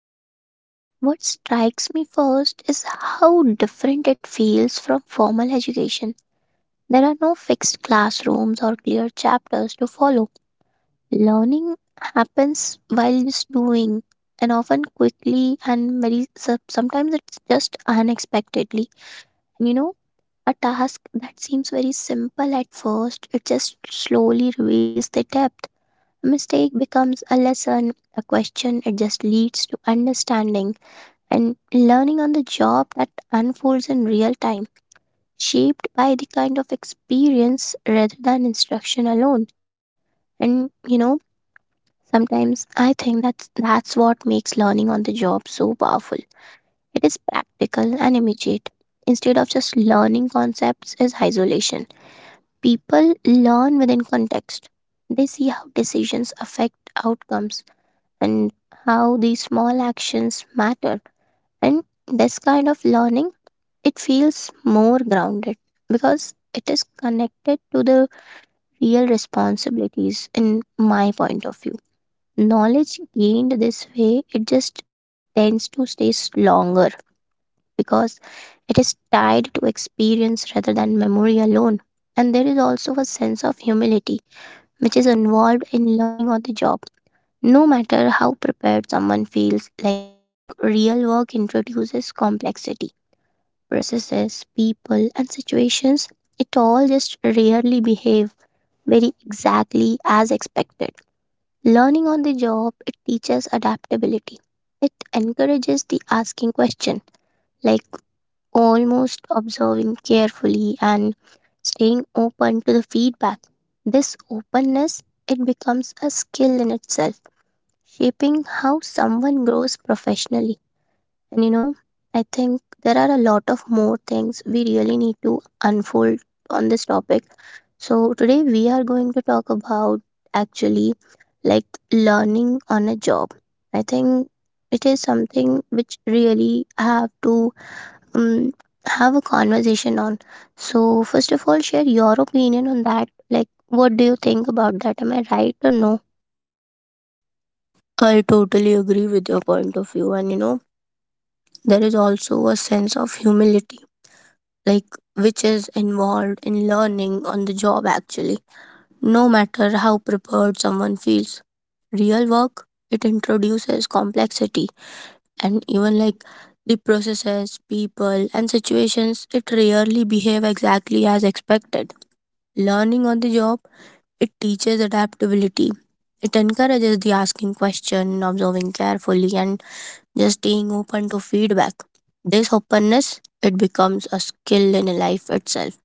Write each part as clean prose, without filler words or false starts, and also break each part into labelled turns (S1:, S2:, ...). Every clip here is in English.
S1: job, what strikes me first is how different it feels from formal education. There are no fixed classrooms or clear chapters to follow. Learning happens while just doing, and often quickly and very sometimes it's just unexpectedly. And a task that seems very simple at first, it just slowly reveals the depth. Mistake becomes a lesson, a question, it just leads to understanding, and learning on the job that unfolds in real time, shaped by the kind of experience rather than instruction alone. And sometimes I think that's what makes learning on the job so powerful. It is practical and immediate. Instead of just learning concepts is isolation. People learn within context. They see how decisions affect outcomes and how these small actions matter. And this kind of learning, it feels more grounded because it is connected to the real responsibilities, in my point of view. Knowledge gained this way, it just tends to stay longer because it is tied to experience rather than memory alone. And there is also a sense of humility which is involved in learning on the job, no matter how prepared someone feels. Like, real work introduces complexity, processes, people, and situations. It all just rarely behave very exactly as expected. Learning on the job, it teaches adaptability. It encourages the asking question, like almost observing carefully and staying open to the feedback. This openness, it becomes a skill in itself, shaping how someone grows professionally. And I think there are a lot of more things we really need to unfold on this topic. So, today we are going to talk about, actually, like, learning on a job. I think it is something which really I have to, um, have a conversation on. So, first of all, share your opinion on that. Like, what do you think about that? Am I right or no?
S2: I totally agree with your point of view. And you know, there is also a sense of humility, like which is involved in learning on the job actually, no matter how prepared someone feels. Real work, it introduces complexity and even like the processes, people, and situations, it rarely behave exactly as expected. Learning on the job, it teaches adaptability. It encourages the asking question, observing carefully, and just being open to feedback. This openness it becomes a skill in life itself.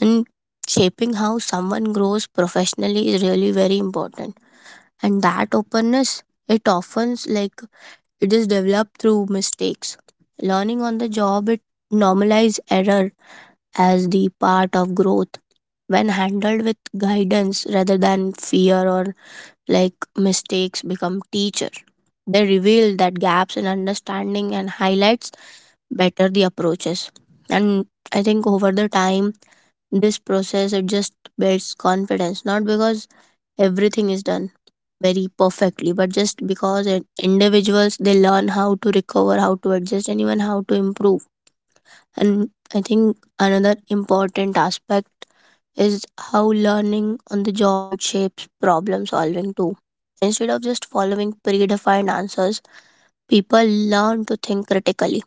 S2: And shaping how someone grows professionally is really very important. And that openness it often like it is developed through mistakes. Learning on the job it normalizes error as the part of growth. When handled with guidance rather than fear or like mistakes become teacher. They reveal that gaps in understanding and highlights better the approaches and I think over the time this process it just builds confidence not because everything is done very perfectly but just because it, individuals they learn how to recover, how to adjust, and even how to improve. And I think another important aspect is how learning on the job it shapes problem solving too. Instead of just following predefined answers, people learn to think critically,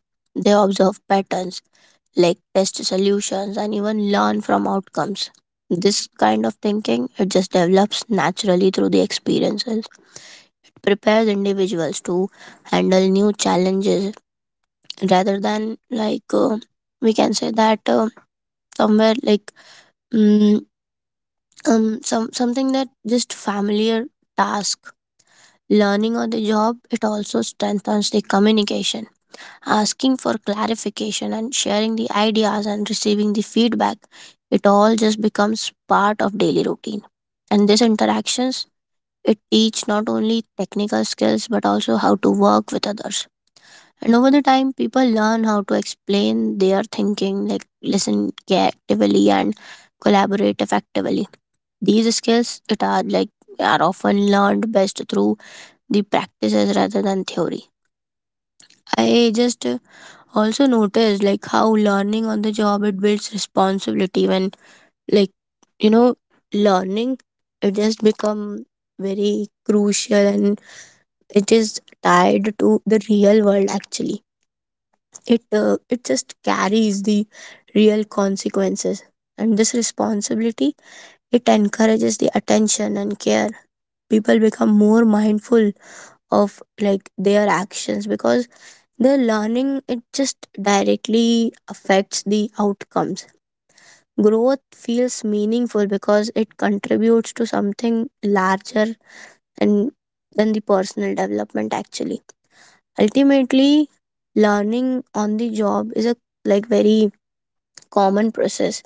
S2: they observe patterns like test solutions and even learn from outcomes. This kind of thinking it just develops naturally through the experiences. Prepares individuals to handle new challenges rather than we can say that somewhere like mm, some something that just familiar task. Learning on the job it also strengthens the communication, asking for clarification and sharing the ideas and receiving the feedback, it all just becomes part of daily routine. And these interactions it teach not only technical skills but also how to work with others. And over the time people learn how to explain their thinking, like listen care actively and collaborate effectively. These skills it are like are often learned best through the practices rather than theory. I just also noticed like how learning on the job it builds responsibility when like you know learning it has become very crucial and it is tied to the real world actually. It just carries the real consequences. And this responsibility it encourages the attention and care. People become more mindful of like their actions because the learning it just directly affects the outcomes. Growth feels meaningful because it contributes to something larger and than the personal development actually. Ultimately, learning on the job is a like very common process.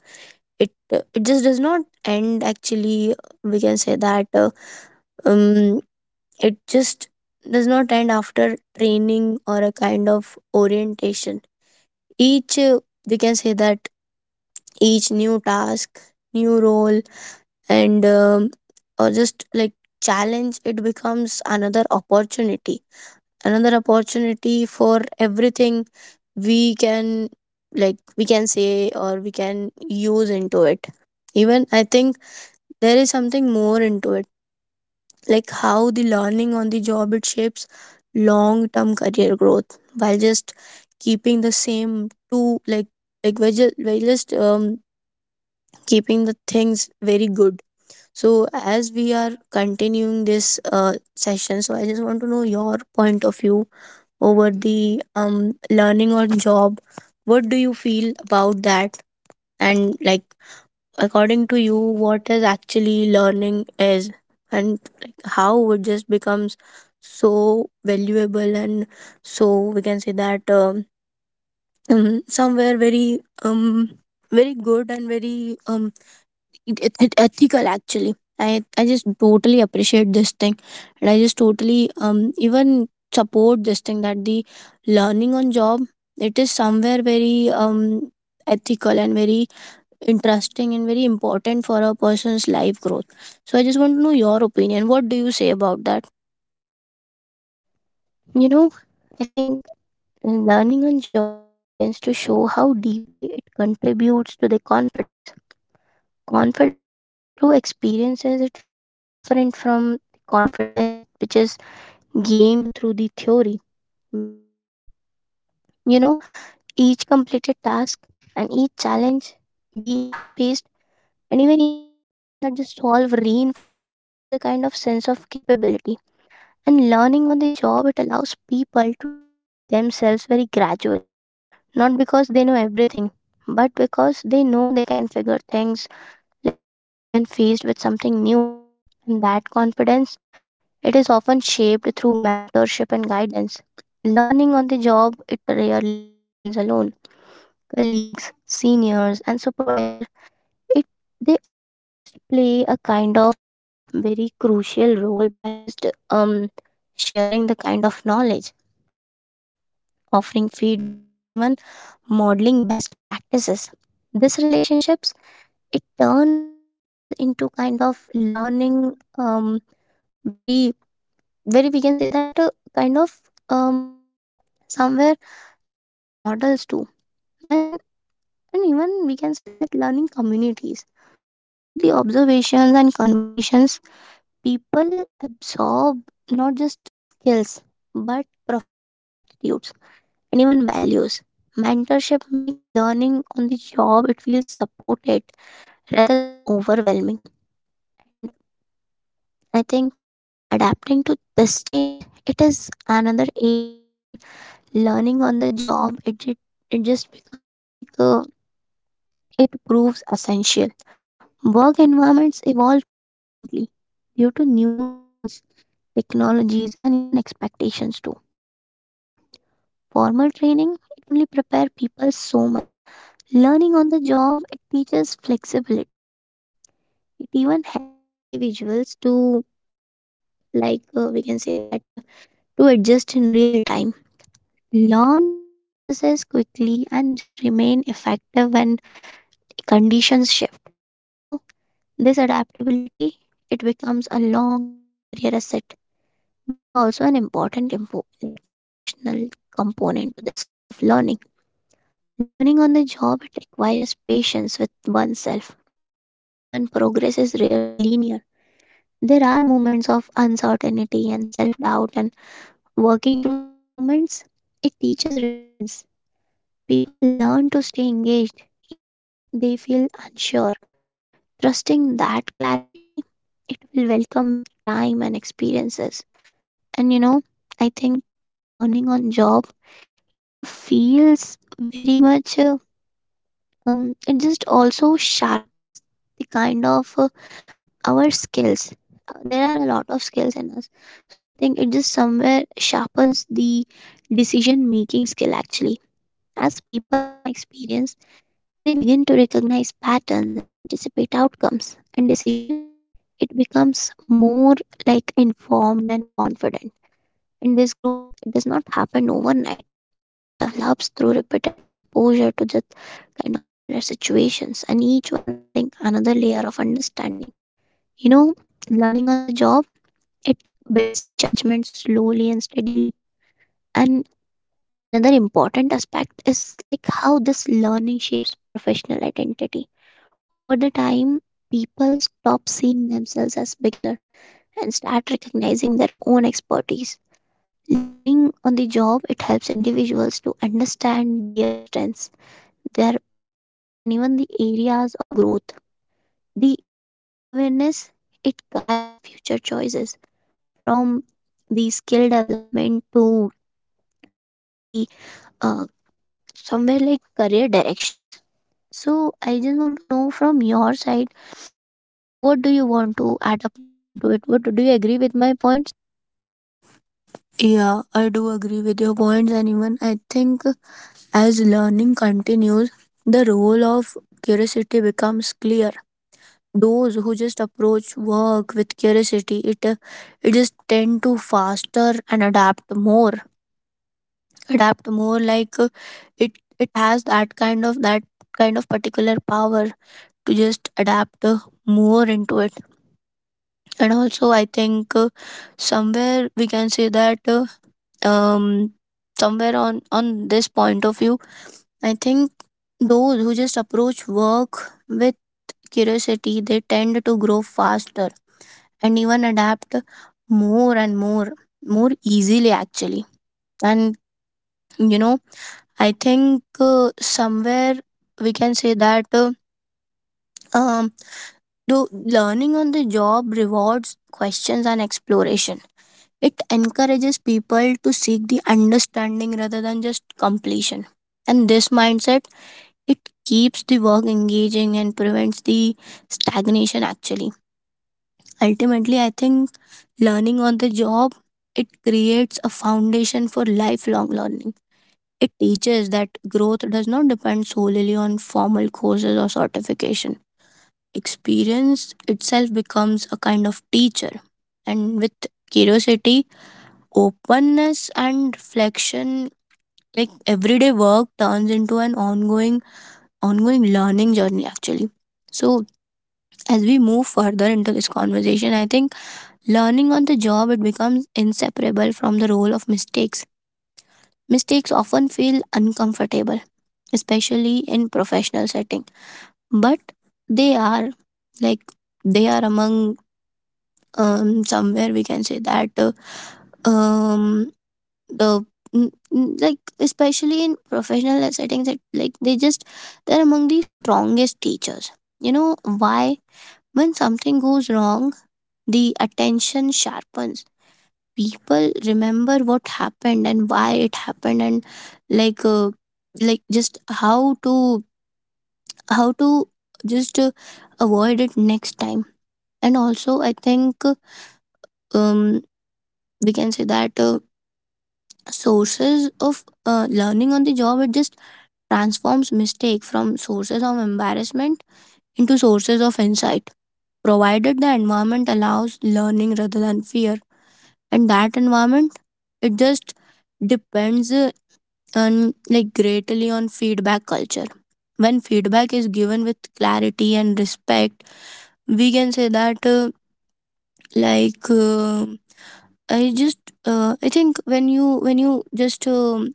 S2: it it just does not end actually. We can say that um it just does not end after training or a kind of orientation. Each We can say that each new task, new role, and or just like challenge it becomes another opportunity, another opportunity for everything we can, like we can say or we can use into it. Even I think there is something more into it, like how the learning on the job it shapes long term career growth, while just keeping the same two like we're just keeping the things very good. So, as we are continuing this session, so I just want to know your point of view over the learning on job. What do you feel about that? And like, according to you, what is actually learning is, and like, how it just becomes so valuable and so we can say that somewhere very very good and very it ethical actually. I just totally appreciate this thing, and I just totally even support this thing that the learning on job it is somewhere very ethical and very interesting and very important for a person's life growth. So I just want to know your opinion, what do you say about that?
S1: You know, I think in learning on job, it begins to show how deeply it contributes to the confidence. Confidence built through experiences, it feels different from confidence which is gained through the theory, because, you know, each completed task and each challenge we have faced, and even each problem that is solve, reinforces it is a kind of sense of capability. And learning on the job, it allows people to trust themselves very gradually, not because they know everything, but because they know they can figure things like out when faced with something new. And that confidence, it is often shaped through mentorship and guidance. Learning on the job, it rarely happens alone. Colleagues, seniors, and supervisor, it they all just play a kind of very crucial role by just sharing the kind of knowledge, like offering feedback and even modeling best practices. These relationships, it turn workplaces into kind of learning, very, we can say that, kind of, um, somewhere, learning models too, and and even we can say that learning communities. Through the observations and conversations, people absorb not just skills, but professional attitudes and even values. Mentorship makes learning on the job, it feels supported rather than overwhelming. And I think adapting to this change, it is another area where learning on the job, it just becomes like, it proves essential. Work environments evolve constantly due to new tools, technologies, and even expectations too. Formal training, it can only prepare people so much. Learning on the job, it teaches flexibility. It even helps individuals to, like, we can say that, to adjust in real time, learn new processes quickly, and just remain effective when conditions shift. You know, this adaptability, it becomes a long-term career asset. There is also an important like emotional component to this kind of learning. Learning on the job, it requires patience with oneself. Even progress is rarely linear. There are moments of uncertainty and self doubt, and working through these moments, it teaches resilience. People learn to stay engaged even when they feel unsure. Trusting that clarity, it will welcome with time and experiences. And I think learning on job, it feels very much, it just also sharpens the kind of, our skills. There are a lot of skills in us. So I think it just somewhere sharpens the decision making skill, actually. As people gain experience, they begin to recognize patterns and anticipate outcomes, and decision, it becomes more like informed and confident. And this growth, it does not happen overnight. It develops through repeated exposure to just kind of similar situations, and each one adding another layer of understanding. You know, learning on the job, it builds judgment slowly and steadily. And another important aspect is like how this learning shapes professional identity. Over the time, people stop seeing themselves as beginner and start recognizing their own expertise. Learning on the job, it helps individuals to understand their strengths, their preferences, and even the areas of growth. The self-awareness, it guides future choices from the skill development to, somewhere the, uh, somewhere like career directions. So I just want to know from your side. Like, what do you want to add up more into it? What do you agree with my points?
S2: Yeah, I do agree with your points and even I think as learning continues, the role of curiosity becomes clear. Those who just approach work with curiosity it just tend to faster and adapt more, adapt more like it it has that kind of particular power to just adapt more into it. And also I think somewhere we can say that um somewhere on this point of view I think those who just approach work with curiosity, they tend to grow faster and even adapt more and more, more easily actually. And you know I think somewhere we can say that um though learning on the job rewards questions and exploration, it encourages people to seek the understanding rather than just completion. And this mindset it keeps the work engaging and prevents the stagnation actually. Ultimately I think learning on the job, it creates a foundation for lifelong learning. It teaches that growth does not depend solely on formal courses or certification. Experience itself becomes a kind of teacher, and with curiosity, openness, and reflection, like everyday work turns into an ongoing learning journey actually. So, as we move further into this conversation, I think learning on the job it becomes inseparable from the role of mistakes. Mistakes often feel uncomfortable, especially in professional setting, but they are like they are among somewhere we can say that um the like especially in professional settings that like they're among the strongest teachers. You know why? When something goes wrong, the attention sharpens. People remember what happened and why it happened, and like uh, like just how to just avoid it next time. And also I think um we can say that sources of learning on the job it just transforms mistake from sources of embarrassment into sources of insight, provided the environment allows learning rather than fear. And that environment it just depends and like greatly on feedback culture. When feedback is given with clarity and respect, we can say that like i just I think when you just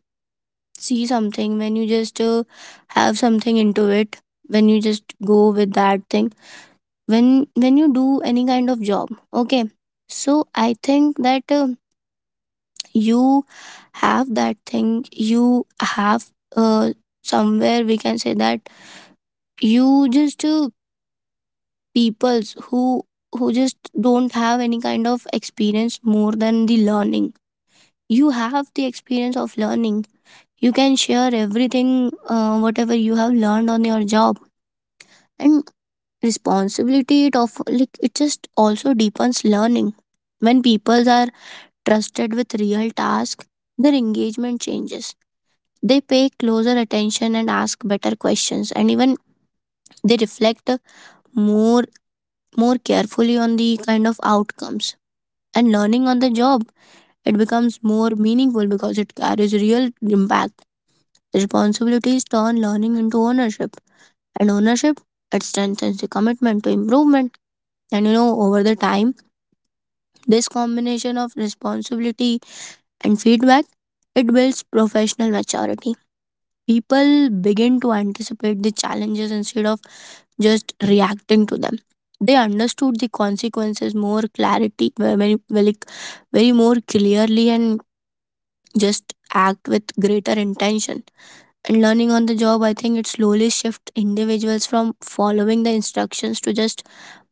S2: see something, when you just have something into it, when you just go with that thing, when you do any kind of job, okay. So I think that you have that thing, you have uh, somewhere we can say that you just peoples who just don't have any kind of experience more than the learning, you have the experience of learning, you can share everything whatever you have learned on your job. And responsibility it of like it just also deepens learning. When people are trusted with real task, their engagement changes. They pay closer attention and ask better questions, and even they reflect more more carefully on the kind of outcomes. And learning on the job, it becomes more meaningful because it carries real impact. Responsibilities turn learning into ownership, and ownership it strengthens the commitment to improvement. And you know, over the time, this combination of responsibility and feedback it builds professional maturity. People begin to anticipate the challenges instead of just reacting to them. They understood the consequences more clarity, very more clearly, and just act with greater intention. And learning on the job, I think it slowly shifts individuals from following the instructions to just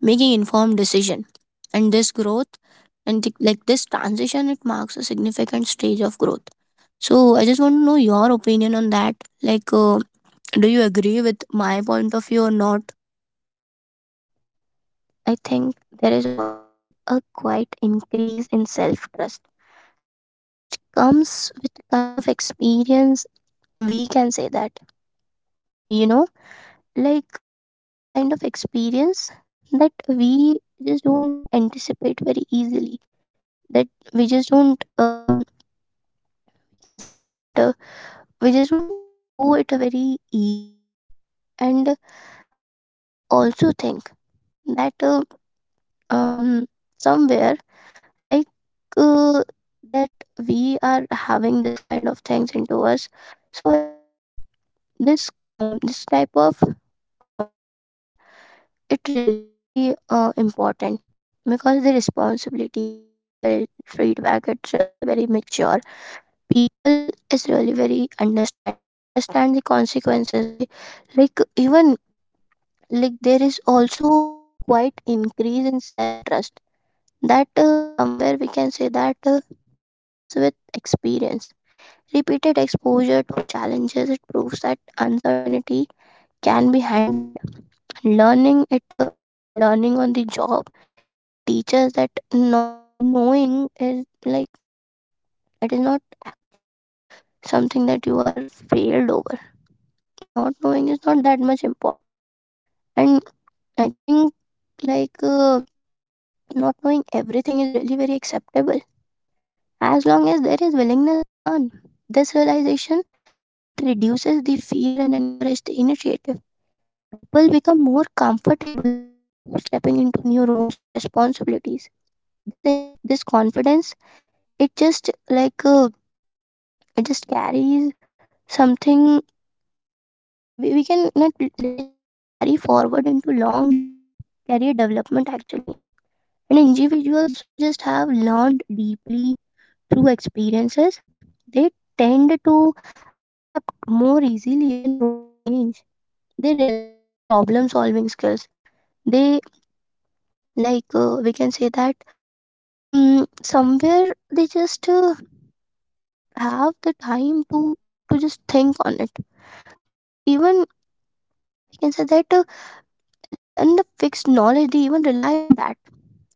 S2: making informed decision. And this growth and like this transition it marks a significant stage of growth. So I just want to know your opinion on that, like do you agree with my point of view or not?
S1: I think there is also a quite increase in self trust that just comes with kind of experience. We can say that, you know, like, the kind of experience that we just don't anticipate very easily, that we just don't, can say that, we just don't throw it very easily. And I also think that, um somewhere, like, uh, that we are having this kind of things into us. So I think this type of combination, it really very, important, because the responsibility and well feedback, it's really very mature. People is really very understanding. They understand the consequences. They, like, even, like, there is also quite increase in self trust that, somewhere we can say that, comes with experience. Repeated exposure to challenges, it proves that uncertainty can be handled. Learning it, and learning on the job, it teaches that not knowing is, like, it is not actually something that you are failed over. Not knowing is not that much important, and I think, like, not knowing everything is really very acceptable, as long as there is willingness to learn. This realization, it reduces the fear and encourages the initiative. People become more comfortable, like, stepping into new roles of responsibilities. This confidence, it just like uh, it just carries something, we can not, let's just carry forward into long term career development, actually. And individuals who just have learned deeply through experiences, they tend to adapt more easily when role change. They rely on problem solving skills. They, like, we can say that, somewhere they just, have the time to just think on it. They even, we can say that, then the fixed knowledge they even rely on that.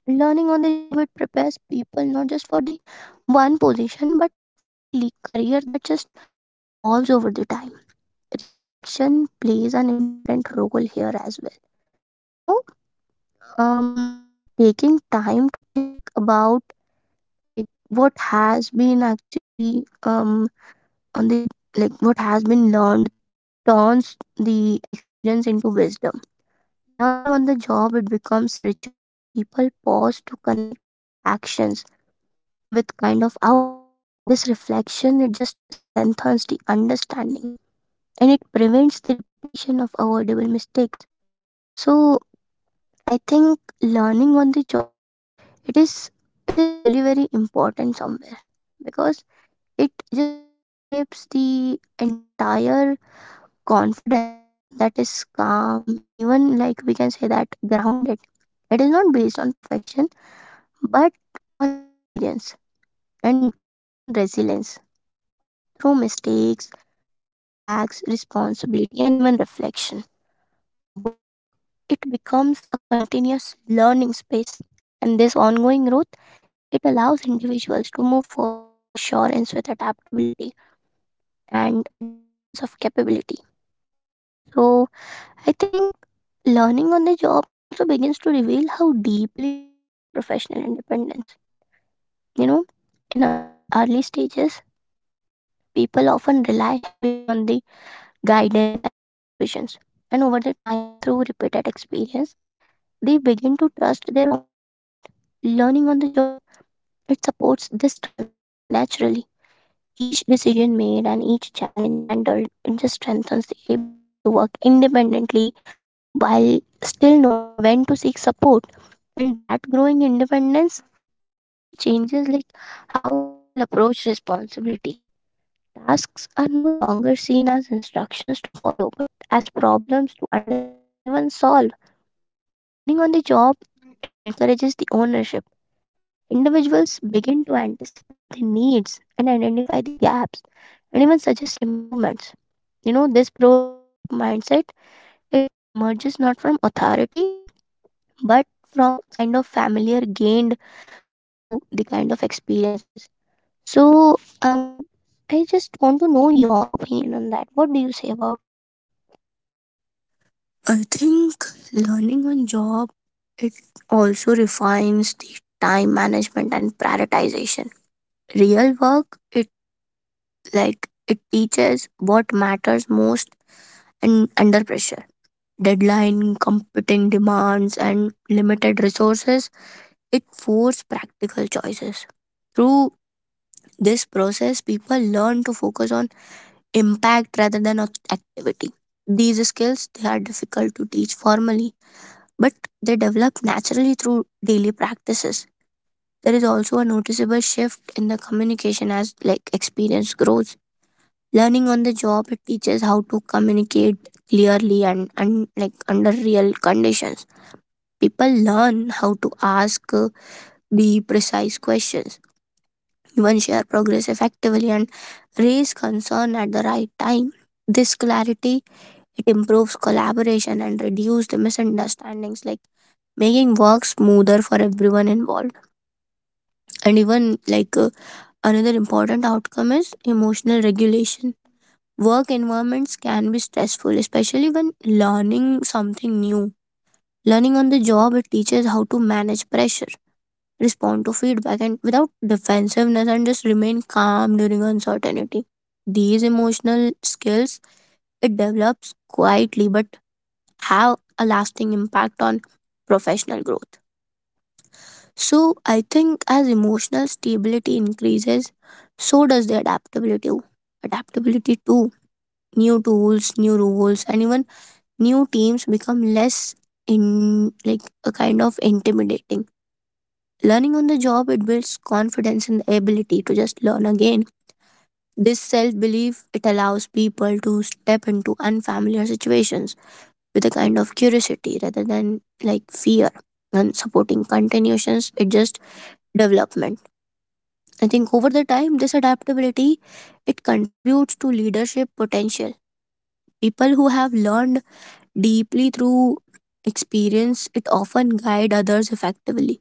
S1: Learning on the job, it prepares people not just for the one position, but for a career that just evolves over the time. Reflection plays an important role here as well. you know um taking time to think about, like, what has been actually, on the like what has been learned, turns the experience into wisdom. Learning on the job, it becomes richer when people pause to connect with actions, with kind of outcomes, and this reflection, it just strengthens the understanding and it prevents the repetition of avoidable mistakes. So I think learning on the job, it is it is really very important somewhere, because it just shapes the entire confidence that is calm and, even, like, we can say that, grounded. It is not based on perfection, but on experience, and even resilience through mistakes, feedbacks, responsibility, and even reflection. Work, it becomes a continuous learning space. And this ongoing growth, it allows individuals to move forward with assurance, with adaptability, and a deep sense of capability. So, I think learning on the job, it also begins to reveal how deeply it shapes the professional independence. You know, in early stages, people often rely heavily on the guidance and supervisions. And over the time, through repeated experience, they begin to trust their own judgment. Learning on the job, it supports this transition naturally. Each decision made and each challenge handled, it just strengthens the ability to work independently while still knowing when to seek support. And that growing independence, it also changes, like, how people approach responsibility. Tasks are no longer seen as instructions to follow, but as problems to understand and even solve. Learning on the job, it encourages the ownership. Individuals begin to anticipate the needs and identify the gaps, and even suggest improvements. This proactive mindset, it emerges not from authority, but from a kind of familiar gained through the kind of experiences. So, um, I just want to know your opinion on that. What do you say about that?
S2: I think learning on job it also refines the time management and prioritization. Real work it like it teaches what matters most and under pressure. Deadline, competing demands, and limited resources, it force practical choices. Through this process people learn to focus on impact rather than activity. These skills they are difficult to teach formally, but they develop naturally through daily practices. There is also a noticeable shift in the communication as like experience grows. Learning on the job it teaches how to communicate clearly and like under real conditions. People learn how to ask the precise questions, even share progress effectively and raise concern at the right time. This clarity, it improves collaboration and reduces the misunderstandings, like making work smoother for everyone involved. And even like another important outcome is emotional regulation. Work environments can be stressful, especially when learning something new. Learning on the job, it teaches how to manage pressure, respond to feedback, and without defensiveness, and just remain calm during uncertainty. These emotional skills it develops quietly but have a lasting impact on professional growth. So, I think as emotional stability increases, so does the adaptability. Adaptability to new tools, new rules, and even new teams become less in like a kind of intimidating. Learning on the job it builds confidence and the ability to just learn again. This self belief it allows people to step into unfamiliar situations with a kind of curiosity rather than like fear, and supporting continuations it just development. I think over the time this adaptability it contributes to leadership potential. People who have learned deeply through experience, it often guide others effectively.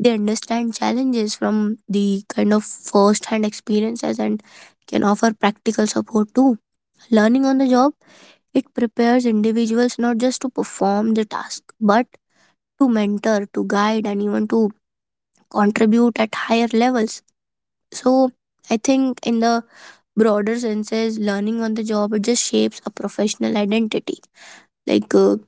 S2: They understand challenges from the kind of first hand experiences, and can offer practical support too. Learning on the job, it prepares individuals not just to perform the task but to mentor, to guide, and even to contribute at higher levels. So, I think in the broader senses, learning on the job it just shapes a professional identity, like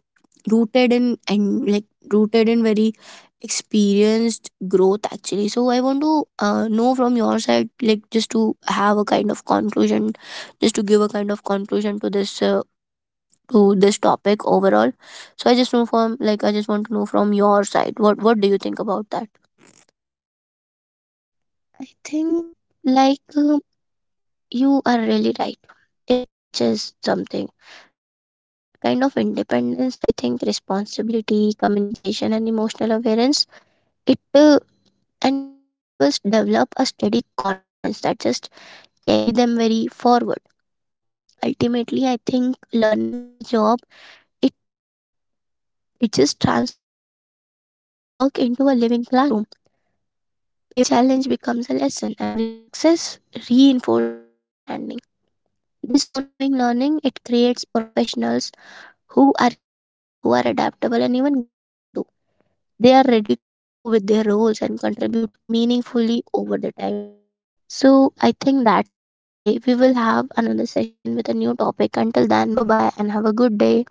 S2: rooted in and like rooted in very experienced growth actually. So, I want to know from your side, like just to have a kind of conclusion, just to give a kind of conclusion to this topic overall. So I just want to know from your side, what do you think about that?
S1: I think, like, you are really right. It teaches something. Through that kind of independence, I think responsibility, communication, and emotional awareness, it and individuals develop a steady confidence that just carry them very forward. Ultimately, I think learning on the job, it it just transforms work into a living classroom. Every challenge becomes a lesson, and every success reinforces understanding. This ongoing learning, it creates professionals who are capable, who are adaptable, and even grounded too. They are ready to grow with their roles and contribute meaningfully over the time. So, I think that's it for today. We will have another session with a new topic. Until then, bye bye and have a good day.